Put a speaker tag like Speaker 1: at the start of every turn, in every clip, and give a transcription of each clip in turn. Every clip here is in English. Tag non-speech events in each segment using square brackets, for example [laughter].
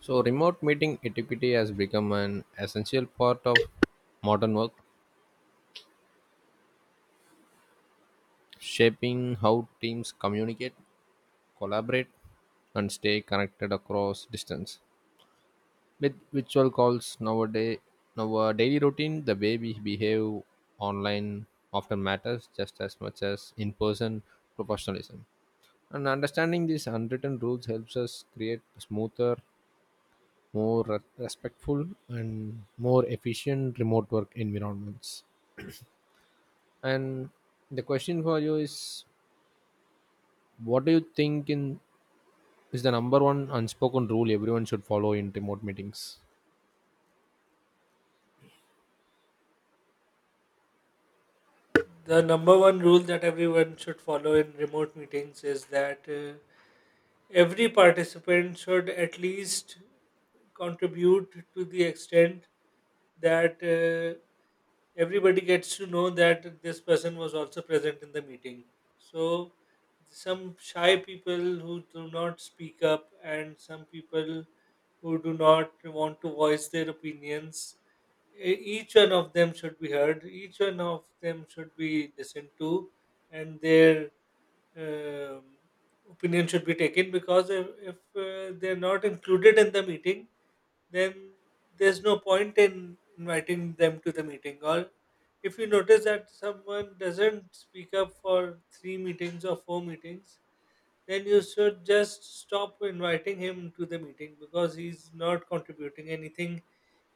Speaker 1: So, remote meeting etiquette has become an essential part of modern work, shaping how teams communicate, collaborate, and stay connected across distance. With virtual calls nowadays, now our daily routine, the way we behave online often matters just as much as in-person professionalism. And understanding these unwritten rules helps us create smoother, more respectful, and more efficient remote work environments. And the question for you is, what do you think in is the number one unspoken rule everyone should follow in remote meetings?
Speaker 2: The number one rule that everyone should follow in remote meetings is that every participant should at least contribute to the extent that everybody gets to know that this person was also present in the meeting. So, some shy people who do not speak up, and some people who do not want to voice their opinions, each one of them should be heard, each one of them should be listened to, and their um, opinion should be taken. Because if they're not included in the meeting, then there's no point in inviting them to the meeting. Or if you notice that someone doesn't speak up for three meetings or four meetings, then you should just stop inviting him to the meeting, because he's not contributing anything,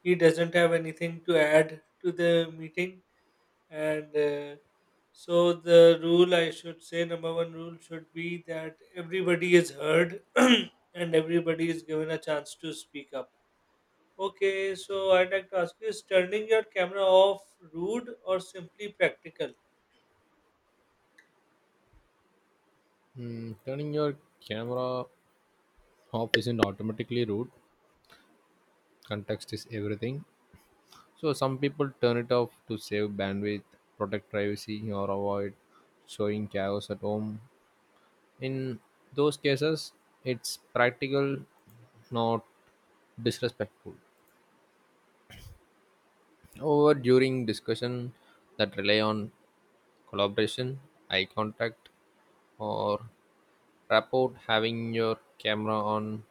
Speaker 2: he doesn't have anything to add to the meeting. And uh, so the rule, I should say, number one rule should be that everybody is heard [clears throat] and everybody is given a chance to speak up. Okay, so I'd like to ask you, is turning your camera off rude or simply practical?
Speaker 1: Hmm, turning your camera off isn't automatically rude. Context is everything. So some people turn it off to save bandwidth, protect privacy, or avoid showing chaos at home. In those cases, it's practical, not disrespectful. However, during discussion that rely on collaboration, eye contact, or rapport having your camera on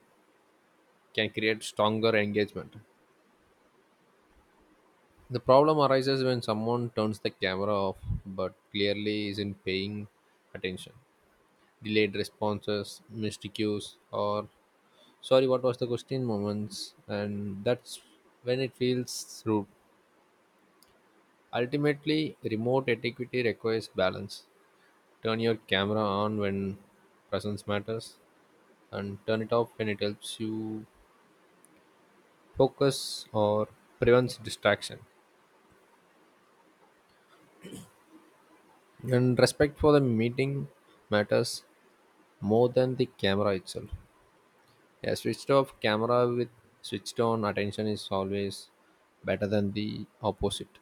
Speaker 1: can create stronger engagement. The problem arises when someone turns the camera off but clearly isn't paying attention. Delayed responses, missed cues, or sorry, what was the question moments, and that's when it feels rude. Ultimately, remote etiquette requires balance. Turn your camera on when presence matters and turn it off when it helps you focus or prevents distraction. And respect for the meeting matters more than the camera itself. A switched off camera with switched on attention is always better than the opposite.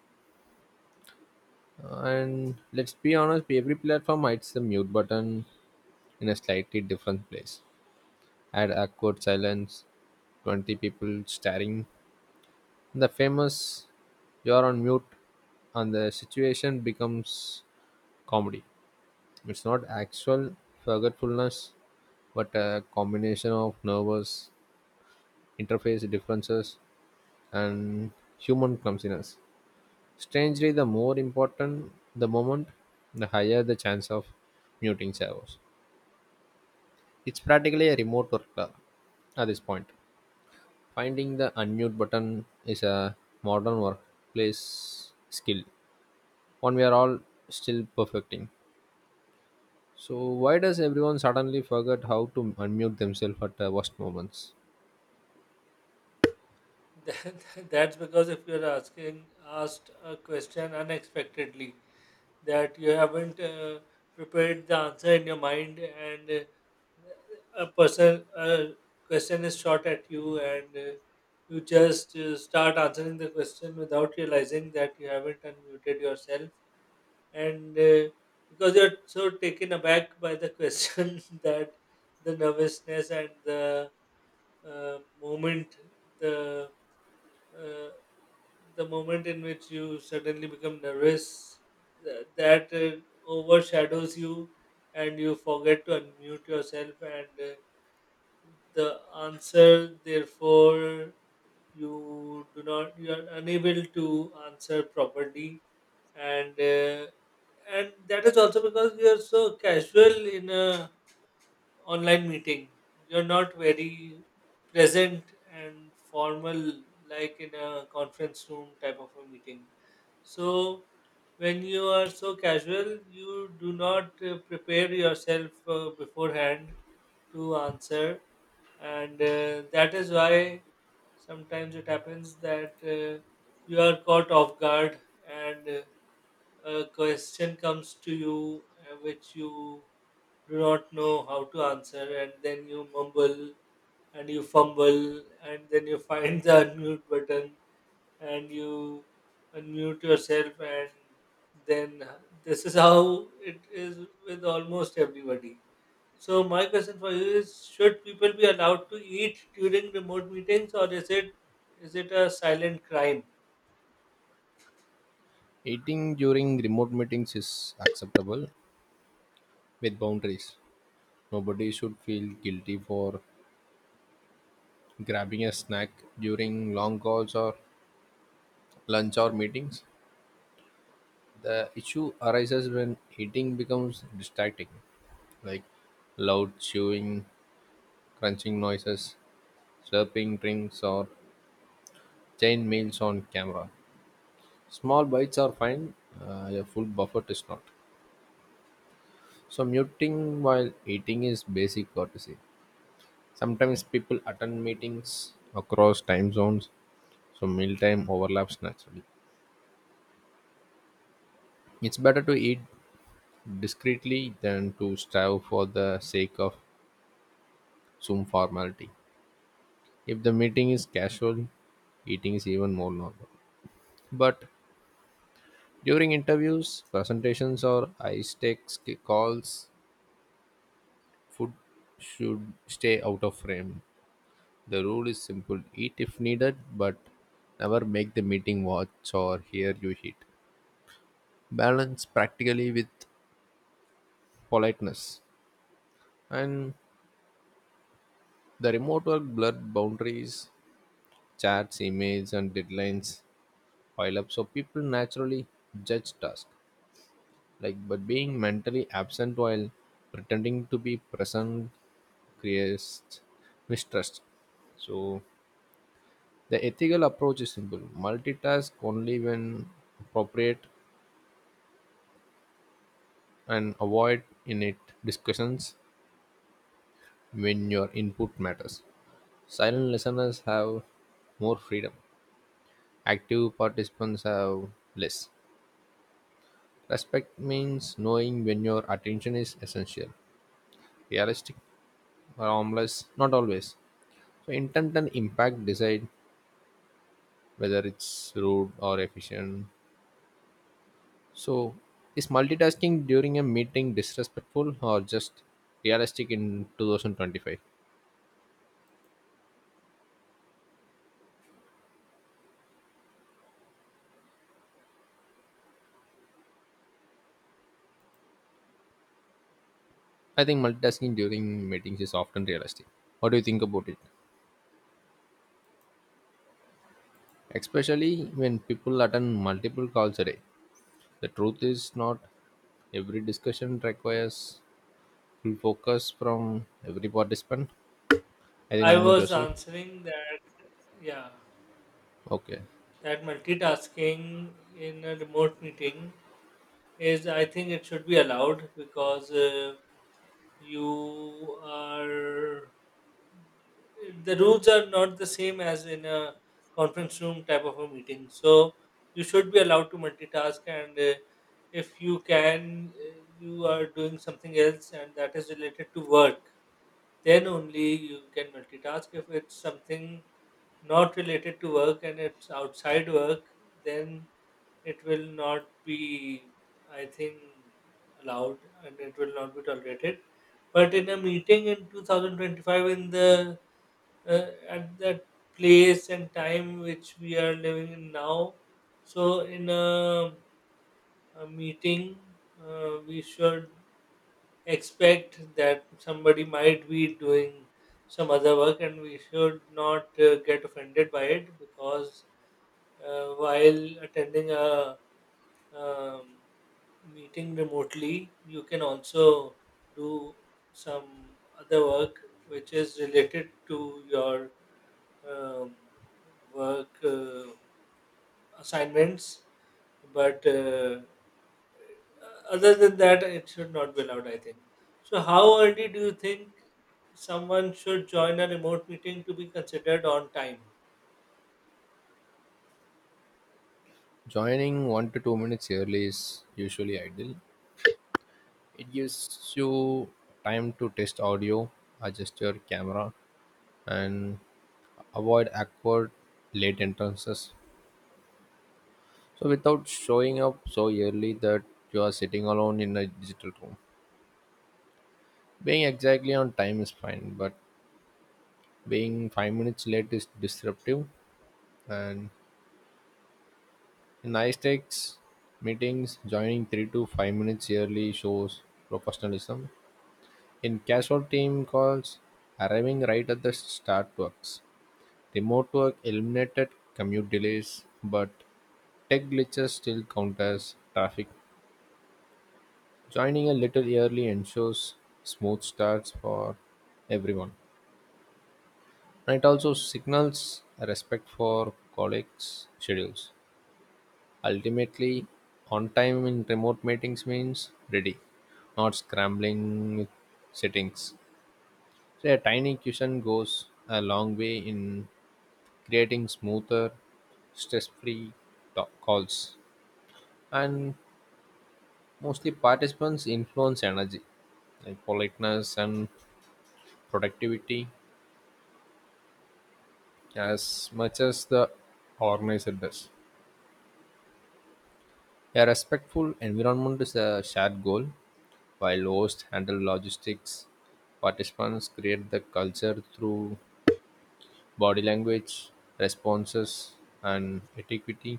Speaker 1: And let's be honest, every platform hides the mute button in a slightly different place. Add awkward silence, 20 people staring, the famous "you're on mute" and the situation becomes comedy. It's not actual forgetfulness, but a combination of nervous interface differences and human clumsiness. Strangely, the more important the moment, the higher the chance of muting servos. It's practically a remote worker at this point. Finding the unmute button is a modern workplace skill. One we are all still perfecting. So why does everyone suddenly forget how to unmute themselves at the worst moments?
Speaker 2: [laughs] That's because if you're asking asked a question unexpectedly that you haven't prepared the answer in your mind, and a question is shot at you, and you just start answering the question without realizing that you haven't unmuted yourself, and because you're so taken aback by the question [laughs] that the nervousness and uh, moment the uh, the moment in which you suddenly become nervous that overshadows you, and you forget to unmute yourself. And The answer, therefore, you do not you are unable to answer properly. and uh, and that is also because you are so casual in a online meeting. You're not very present and formal like in a conference room type of a meeting. So when you are so casual, you do not prepare yourself beforehand to answer, and that is why sometimes it happens that you are caught off guard, and a question comes to you which you do not know how to answer, and then you mumble and you fumble, and then you find the [laughs] unmute button, and you unmute yourself, and then this is how it is with almost everybody. So, my question for you is, should people be allowed to eat during remote meetings, or is it a silent crime?
Speaker 1: Eating during remote meetings is acceptable with boundaries. Nobody should feel guilty for grabbing a snack during long calls or lunch or meetings. The issue arises when eating becomes distracting, like loud chewing, crunching noises, slurping drinks, or chain meals on camera. Small bites are fine, a full buffet is not. So, muting while eating is basic courtesy. Sometimes people attend meetings across time zones, so mealtime overlaps naturally. It's better to eat discreetly than to starve for the sake of some formality. If the meeting is casual, eating is even more normal. But during interviews, presentations, or high stakes calls, food should stay out of frame. The rule is simple eat if needed, but never make the meeting watch or hear you eat. Balance practically with politeness. And the remote work blurred boundaries, chats, emails, and deadlines pile up, so people naturally judge tasks. Like, but being mentally absent while pretending to be present creates mistrust. So the ethical approach is simple: multitask only when appropriate, and avoid in-it discussions when your input matters. Silent listeners have more freedom. Active participants have less. Respect means knowing when your attention is essential, realistic or harmless, not always. So intent and impact decide whether it's rude or efficient. So is multitasking during a meeting disrespectful or just realistic in 2025? I think multitasking during meetings is often realistic. What do you think about it? Especially when people attend multiple calls a day. The truth is not every discussion requires full focus from every participant. I think
Speaker 2: I
Speaker 1: unmute
Speaker 2: was
Speaker 1: yourself.
Speaker 2: answering that, yeah.
Speaker 1: Okay.
Speaker 2: That multitasking in a remote meeting is, I think, it should be allowed because you are the rules are not the same as in a conference room type of a meeting, so you should be allowed to multitask. And If you are doing something else and that is related to work, then only you can multitask. If it's something not related to work and it's outside work, then it will not be, I think, allowed, and it will not be tolerated. But in a meeting in 2025, in the at that place and time which we are living in now, so in a meeting, we should expect that somebody might be doing some other work, and we should not get offended by it. Because while attending a um, meeting remotely, you can also do some other work which is related to your um, work assignments. But other than that, it should not be allowed, I think. So, how early do you think someone should join a remote meeting to be considered on time?
Speaker 1: Joining 1 to 2 minutes early is usually ideal. It gives you time to test audio, adjust your camera, and avoid awkward late entrances. So, without showing up so early that you are sitting alone in a digital room, being exactly on time is fine, but being 5 minutes late is disruptive. And in high stakes meetings, joining 3 to 5 minutes early shows professionalism. In casual team calls, arriving right at the start works. Remote work eliminated commute delays, but tech glitches still count as traffic. Joining a little early ensures smooth starts for everyone. And it also signals a respect for colleagues' schedules. Ultimately, on time in remote meetings means ready, not scrambling with settings. So, a tiny cushion goes a long way in creating smoother, stress free calls. And mostly, participants influence energy, like politeness and productivity as much as the organizer does. A respectful environment is a shared goal, while hosts handle logistics. Participants create the culture through body language, responses, and etiquette.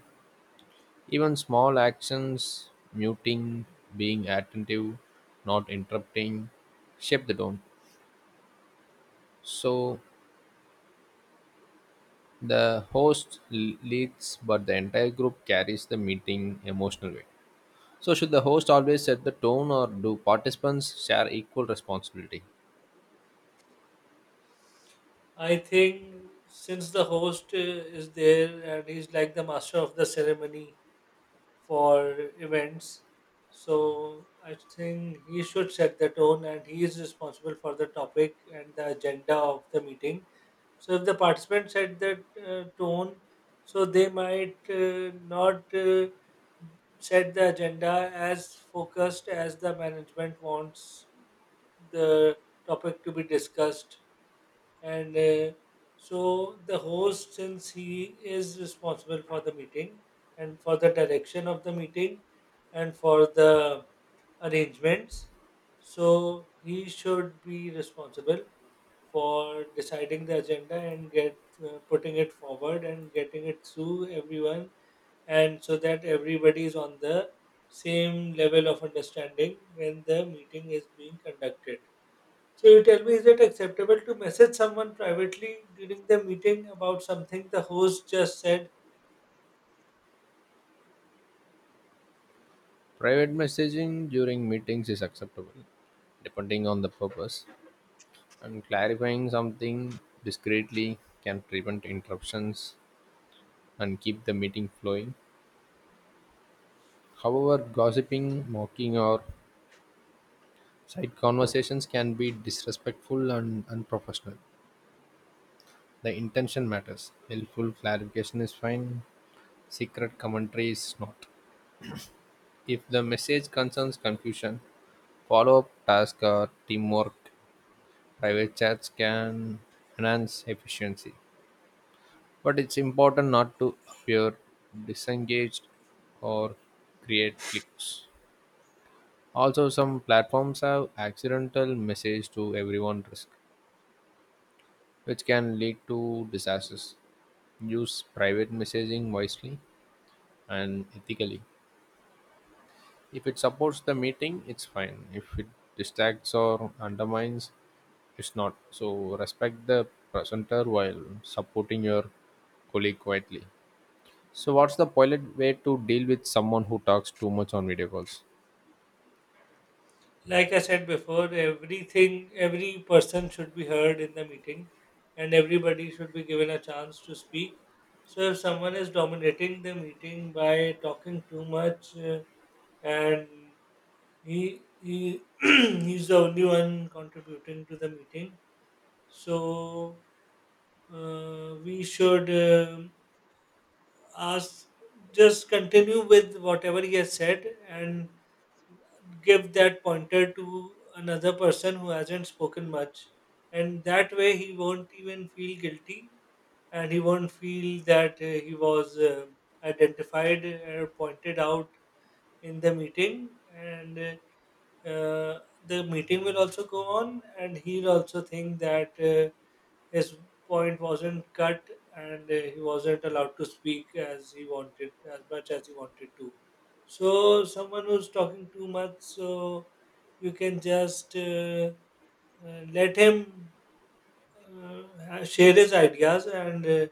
Speaker 1: Even small actions, muting, being attentive, not interrupting, shape the tone. So the host leads, but the entire group carries the meeting emotional weight. So, should the host always set the tone or do participants share equal responsibility?
Speaker 2: I think since the host is there, and he's like the master of the ceremony for events, so I think he should set the tone, and he is responsible for the topic and the agenda of the meeting. So if the participants set that tone, so they might not set the agenda as focused as the management wants the topic to be discussed. And So the host, since he is responsible for the meeting, and for the direction of the meeting, and for the arrangements, so he should be responsible for deciding the agenda and get putting it forward and getting it through everyone, and so that everybody is on the same level of understanding when the meeting is being conducted. So you tell me, is it acceptable to message someone privately during the meeting about something the host just said?
Speaker 1: Private messaging during meetings is acceptable, depending on the purpose, and clarifying something discreetly can prevent interruptions and keep the meeting flowing. However, gossiping, mocking, or side conversations can be disrespectful and unprofessional. The intention matters. Helpful clarification is fine, secret commentary is not. If the message concerns confusion, follow-up tasks or teamwork. Private chats can enhance efficiency, but it's important not to appear disengaged or create cliques. Also, some platforms have accidental message to everyone risk, which can lead to disasters. Use private messaging wisely and ethically. If it supports the meeting, it's fine. If it distracts or undermines, it's not. So respect the presenter while supporting your colleague quietly. So what's the polite way to deal with someone who talks too much on video calls?
Speaker 2: Like I said before, every person should be heard in the meeting, and everybody should be given a chance to speak. So if someone is dominating the meeting by talking too much, and he [clears throat] he's the only one contributing to the meeting, so we should. Ask just continue with whatever he has said, and give that pointer to another person who hasn't spoken much. And that way he won't even feel guilty, and he won't feel that he was identified or pointed out in the meeting. And uh, the meeting will also go on, and he'll also think that his point wasn't cut, and he wasn't allowed to speak as he wanted, as much as he wanted to. So someone who's talking too much, so you can just let him uh, share his ideas. And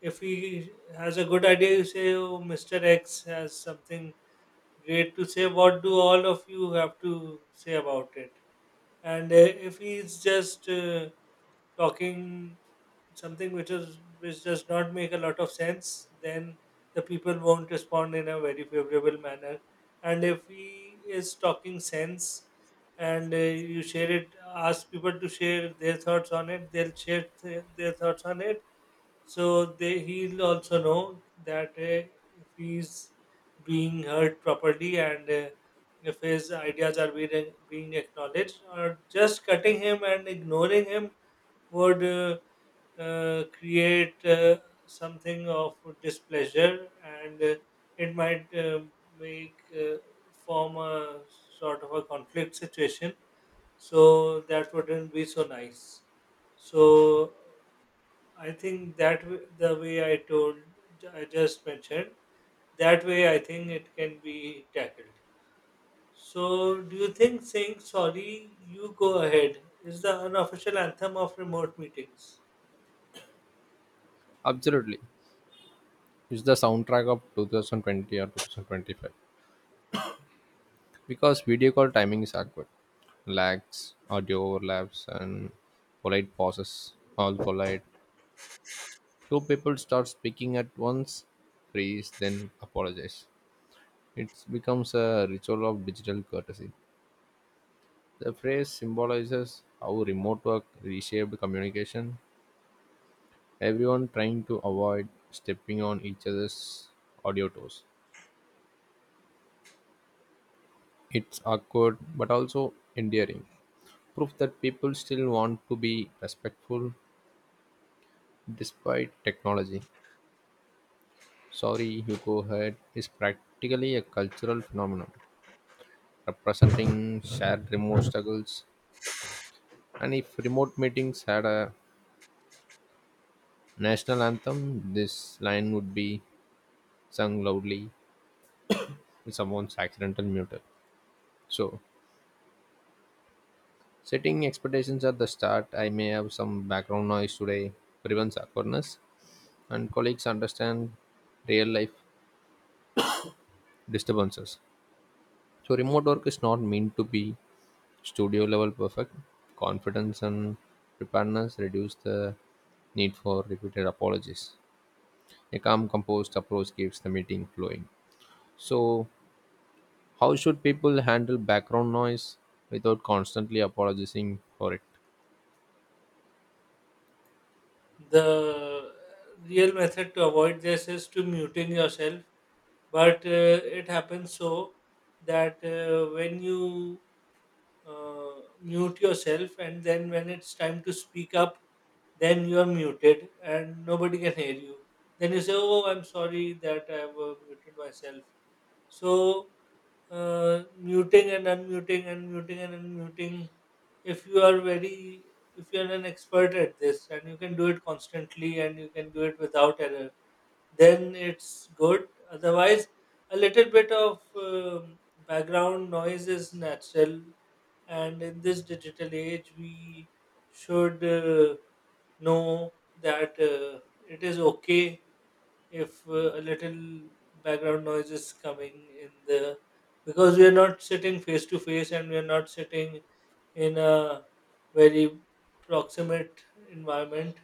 Speaker 2: If he has a good idea, you say, oh, Mr. X has something great to say, what do all of you have to say about it? And if he's just talking something which does not make a lot of sense, then the people won't respond in a very favorable manner. And if he is talking sense, and you share it, ask people to share their thoughts on it, they'll share their thoughts on it. So they he'll also know that if he's being heard properly, and if his ideas are being acknowledged. Or just cutting him and ignoring him would create something of displeasure. And It might make form a sort of a conflict situation, so that wouldn't be so nice. So I think that the way I just mentioned, that way I think it can be tackled. So, do you think saying sorry, you go ahead is the unofficial anthem of remote meetings?
Speaker 1: Absolutely. It's the soundtrack of 2020 or 2025. Because video call timing is awkward. Lags, audio overlaps, and polite pauses all collide. Two people start speaking at once, freeze, then apologize. It becomes a ritual of digital courtesy. The phrase symbolizes how remote work reshaped communication, everyone trying to avoid stepping on each other's audio toes. It's awkward but also endearing. Proof that people still want to be respectful despite technology. Sorry, you go ahead is practically a cultural phenomenon representing shared remote struggles. And if remote meetings had a national anthem, this line would be sung loudly in someone's accidental muted. So, setting expectations at the start, I may have some background noise today, prevents awkwardness, and colleagues understand real life disturbances. So, remote work is not meant to be studio level perfect. Confidence and preparedness reduce the need for repeated apologies. A calm, composed approach keeps the meeting flowing. So, how should people handle background noise without constantly apologizing for it?
Speaker 2: The real method to avoid this is to muting yourself. But it happens so that when you mute yourself and then when it's time to speak up, then you are muted and nobody can hear you, then you say, oh, I'm sorry that I've muted myself. So muting and unmuting and muting and unmuting. If you are very, if you are an expert at this, and you can do it constantly, and you can do it without error, then it's good. Otherwise, a little bit of background noise is natural, and in this digital age, we should know that it is okay if a little background noise is coming in the because we are not sitting face to face, and we are not sitting in a very proximate environment,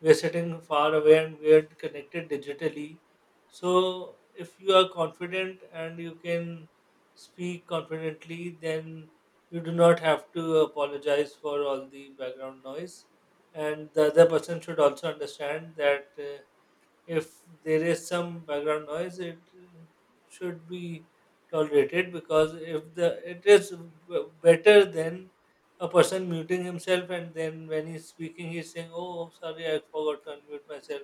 Speaker 2: we are sitting far away, and we are connected digitally. So if you are confident and you can speak confidently, then you do not have to apologize for all the background noise. And the other person should also understand that if there is some background noise, it should be tolerated. Because if the it is better than a person muting himself and then when he's speaking he's saying, oh sorry, I forgot to unmute myself,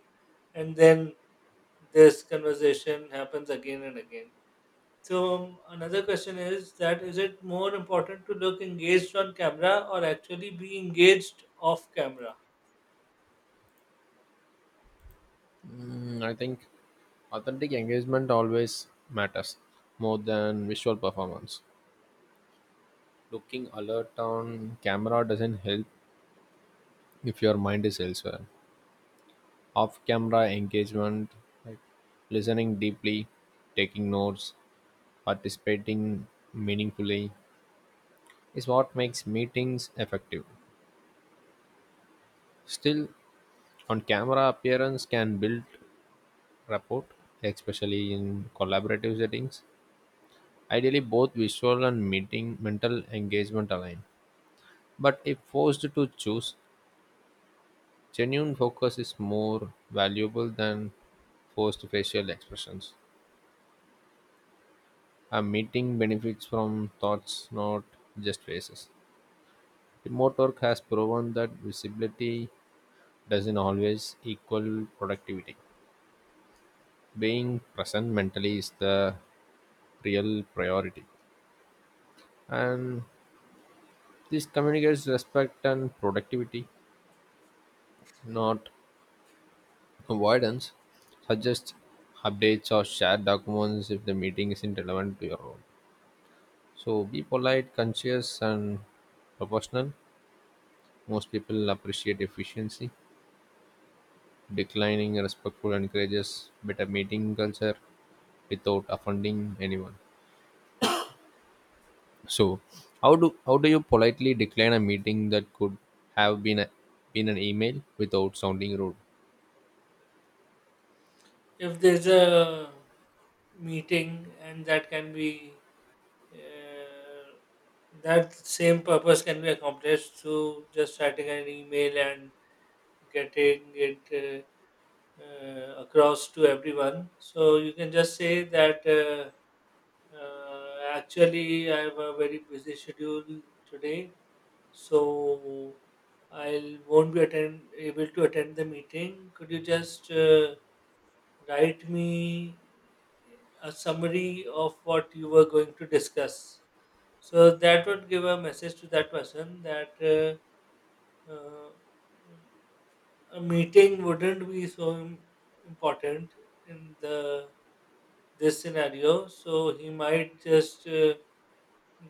Speaker 2: and then this conversation happens again and again. So another question is that, is it more important to look engaged on camera or actually be engaged off camera?
Speaker 1: Mm, I think authentic engagement always matters more than visual performance. Looking alert on camera doesn't help if your mind is elsewhere. Off camera engagement, like listening deeply, taking notes, participating meaningfully, is what makes meetings effective. Still, on camera appearance can build rapport, especially in collaborative settings. Ideally, both visual and meeting mental engagement align. But if forced to choose, genuine focus is more valuable than forced facial expressions. A meeting benefits from thoughts, not just faces. Remote work has proven that visibility doesn't always equal productivity. Being present mentally is the real priority. And this communicates respect and productivity, not avoidance suggests updates or share documents if the meeting isn't relevant to your own. So be polite, conscious, and proportional. Most people appreciate efficiency. Declining respectful encourages better meeting culture without offending anyone. So, how do you politely decline a meeting that could have been an email without sounding rude?
Speaker 2: If there's a meeting and Uh, that same purpose can be accomplished through just writing an email and getting it across to everyone. So you can just say that actually, I have a very busy schedule today, so I won't be attend able to attend the meeting. Could you just write me a summary of what you were going to discuss? So that would give a message to that person that uh, a meeting wouldn't be so important in the this scenario. So he might just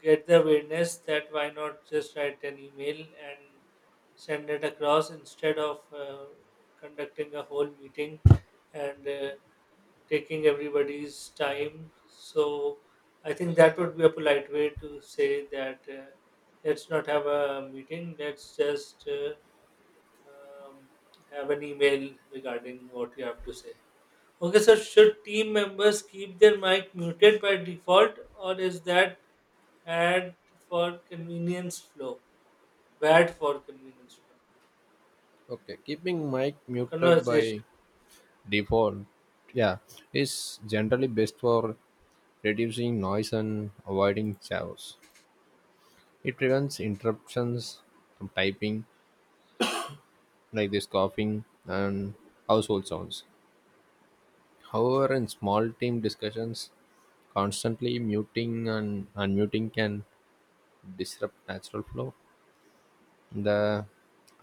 Speaker 2: get the awareness that, why not just write an email and send it across instead of conducting a whole meeting and taking everybody's time. So I think that would be a polite way to say that, let's not have a meeting, let's just um, have an email regarding what you have to say. Okay, so should team members keep their mic muted by default, or is that bad for convenience flow? Bad for convenience flow.
Speaker 1: Okay, keeping mic muted
Speaker 2: Conversation.
Speaker 1: by default yeah is generally best for reducing noise and avoiding chaos it prevents interruptions from typing like this coughing and household sounds however in small team discussions constantly muting and unmuting can disrupt natural flow the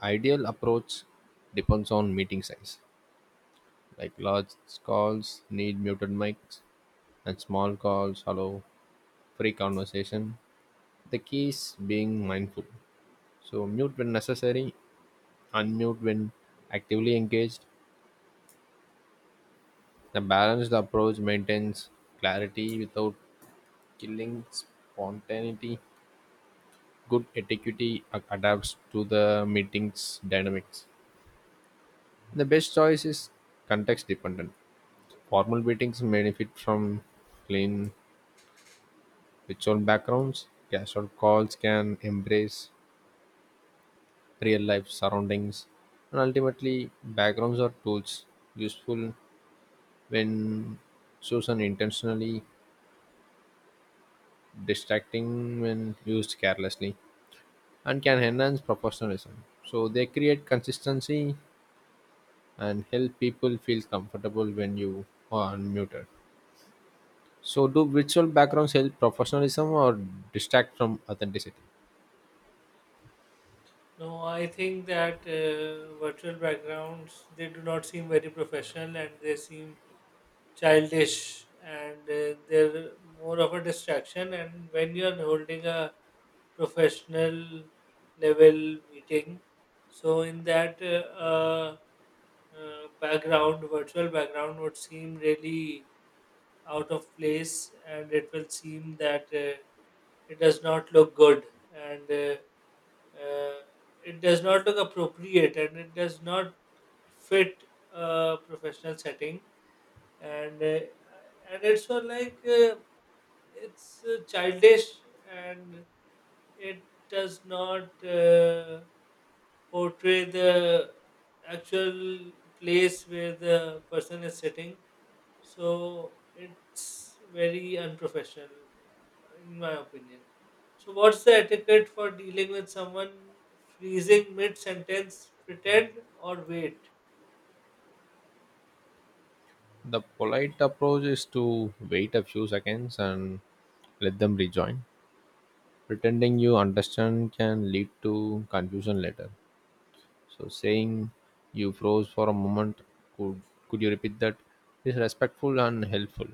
Speaker 1: ideal approach depends on meeting size like large calls need muted mics and small calls allow free conversation. The key is being mindful. So, mute when necessary, unmute when actively engaged. The balanced approach maintains clarity without killing spontaneity. Good etiquette adapts to the meeting's dynamics. The best choice is context dependent. Formal meetings benefit from clean ritual backgrounds. Casual calls can embrace real life surroundings, and ultimately, backgrounds are tools useful when chosen intentionally, distracting when used carelessly, and can enhance professionalism. So, they create consistency and help people feel comfortable when you are unmuted. So, do virtual backgrounds help professionalism or distract from authenticity?
Speaker 2: No, I think that virtual backgrounds, they do not seem very professional, and they seem childish, and they're more of a distraction. And when you're holding a professional level meeting, so in that background, virtual background would seem really out of place, and it will seem that it does not look good, and uh, it does not look appropriate, and it does not fit a professional setting. And uh, and it's for like It's childish, and it does not portray the actual place where the person is sitting. So it's very unprofessional, in my opinion. So, what's the etiquette for dealing with someone freezing mid sentence? Pretend or wait?
Speaker 1: The polite approach is to wait a few seconds and let them rejoin. Pretending you understand can lead to confusion later. So saying you froze for a moment, could could you repeat that? Is respectful and helpful.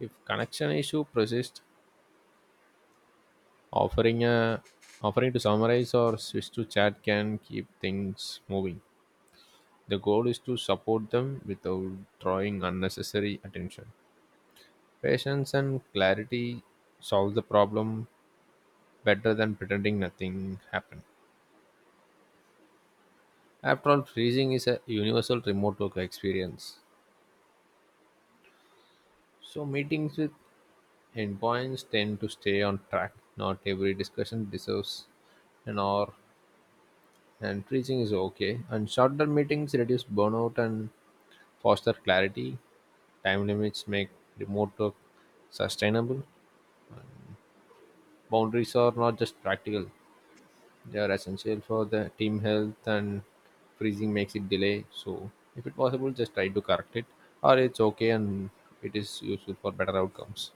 Speaker 1: If connection issue persists, offering a offering to summarize or switch to chat can keep things moving. The goal is to support them without drawing unnecessary attention. Patience and clarity solve the problem better than pretending nothing happened. After all, freezing is a universal remote work experience. So meetings with endpoints tend to stay on track. Not every discussion deserves an hour, and freezing is okay. And shorter meetings reduce burnout and foster clarity. Time limits make remote work sustainable. Boundaries are not just practical; they are essential for the team health and freezing makes it delay. So if it possible, just try to correct it or it's okay and it is useful for better outcomes.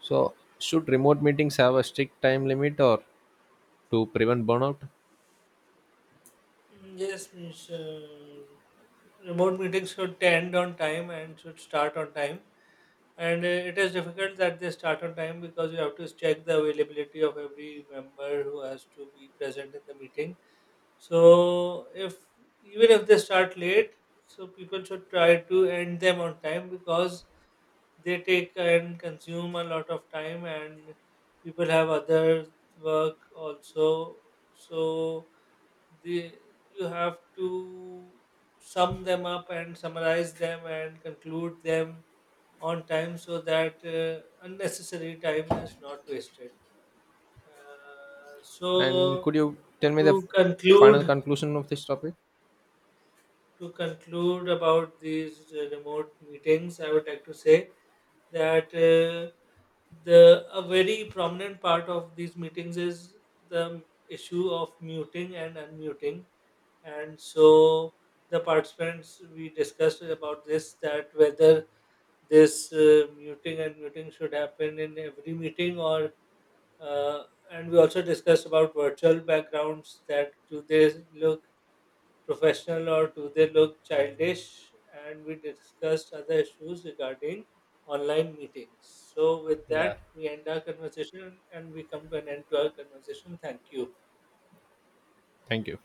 Speaker 1: So should remote meetings have a strict time limit or to prevent burnout?
Speaker 2: Mm, yes, means remote meetings should end on time and should start on time. And it is difficult that they start on time, because you have to check the availability of every member who has to be present in the meeting. So if even if they start late, so people should try to end them on time, because they take and consume a lot of time and people have other work also. So they you have to sum them up and summarize them and conclude them on time, so that unnecessary time is not wasted. uh,
Speaker 1: And
Speaker 2: so
Speaker 1: could you tell me the
Speaker 2: to conclude
Speaker 1: final conclusion of this topic?
Speaker 2: to conclude about these remote meetings, I would like to say that the a very prominent part of these meetings is the issue of muting and unmuting, and so the participants we discussed about this, that whether this muting and muting should happen in every meeting, or uh, and we also discussed about virtual backgrounds, that do they look professional or do they look childish, and we discussed other issues regarding online meetings. So with
Speaker 1: Yeah.
Speaker 2: that we end our conversation and we come to an end to our conversation. Thank you.
Speaker 1: Thank you.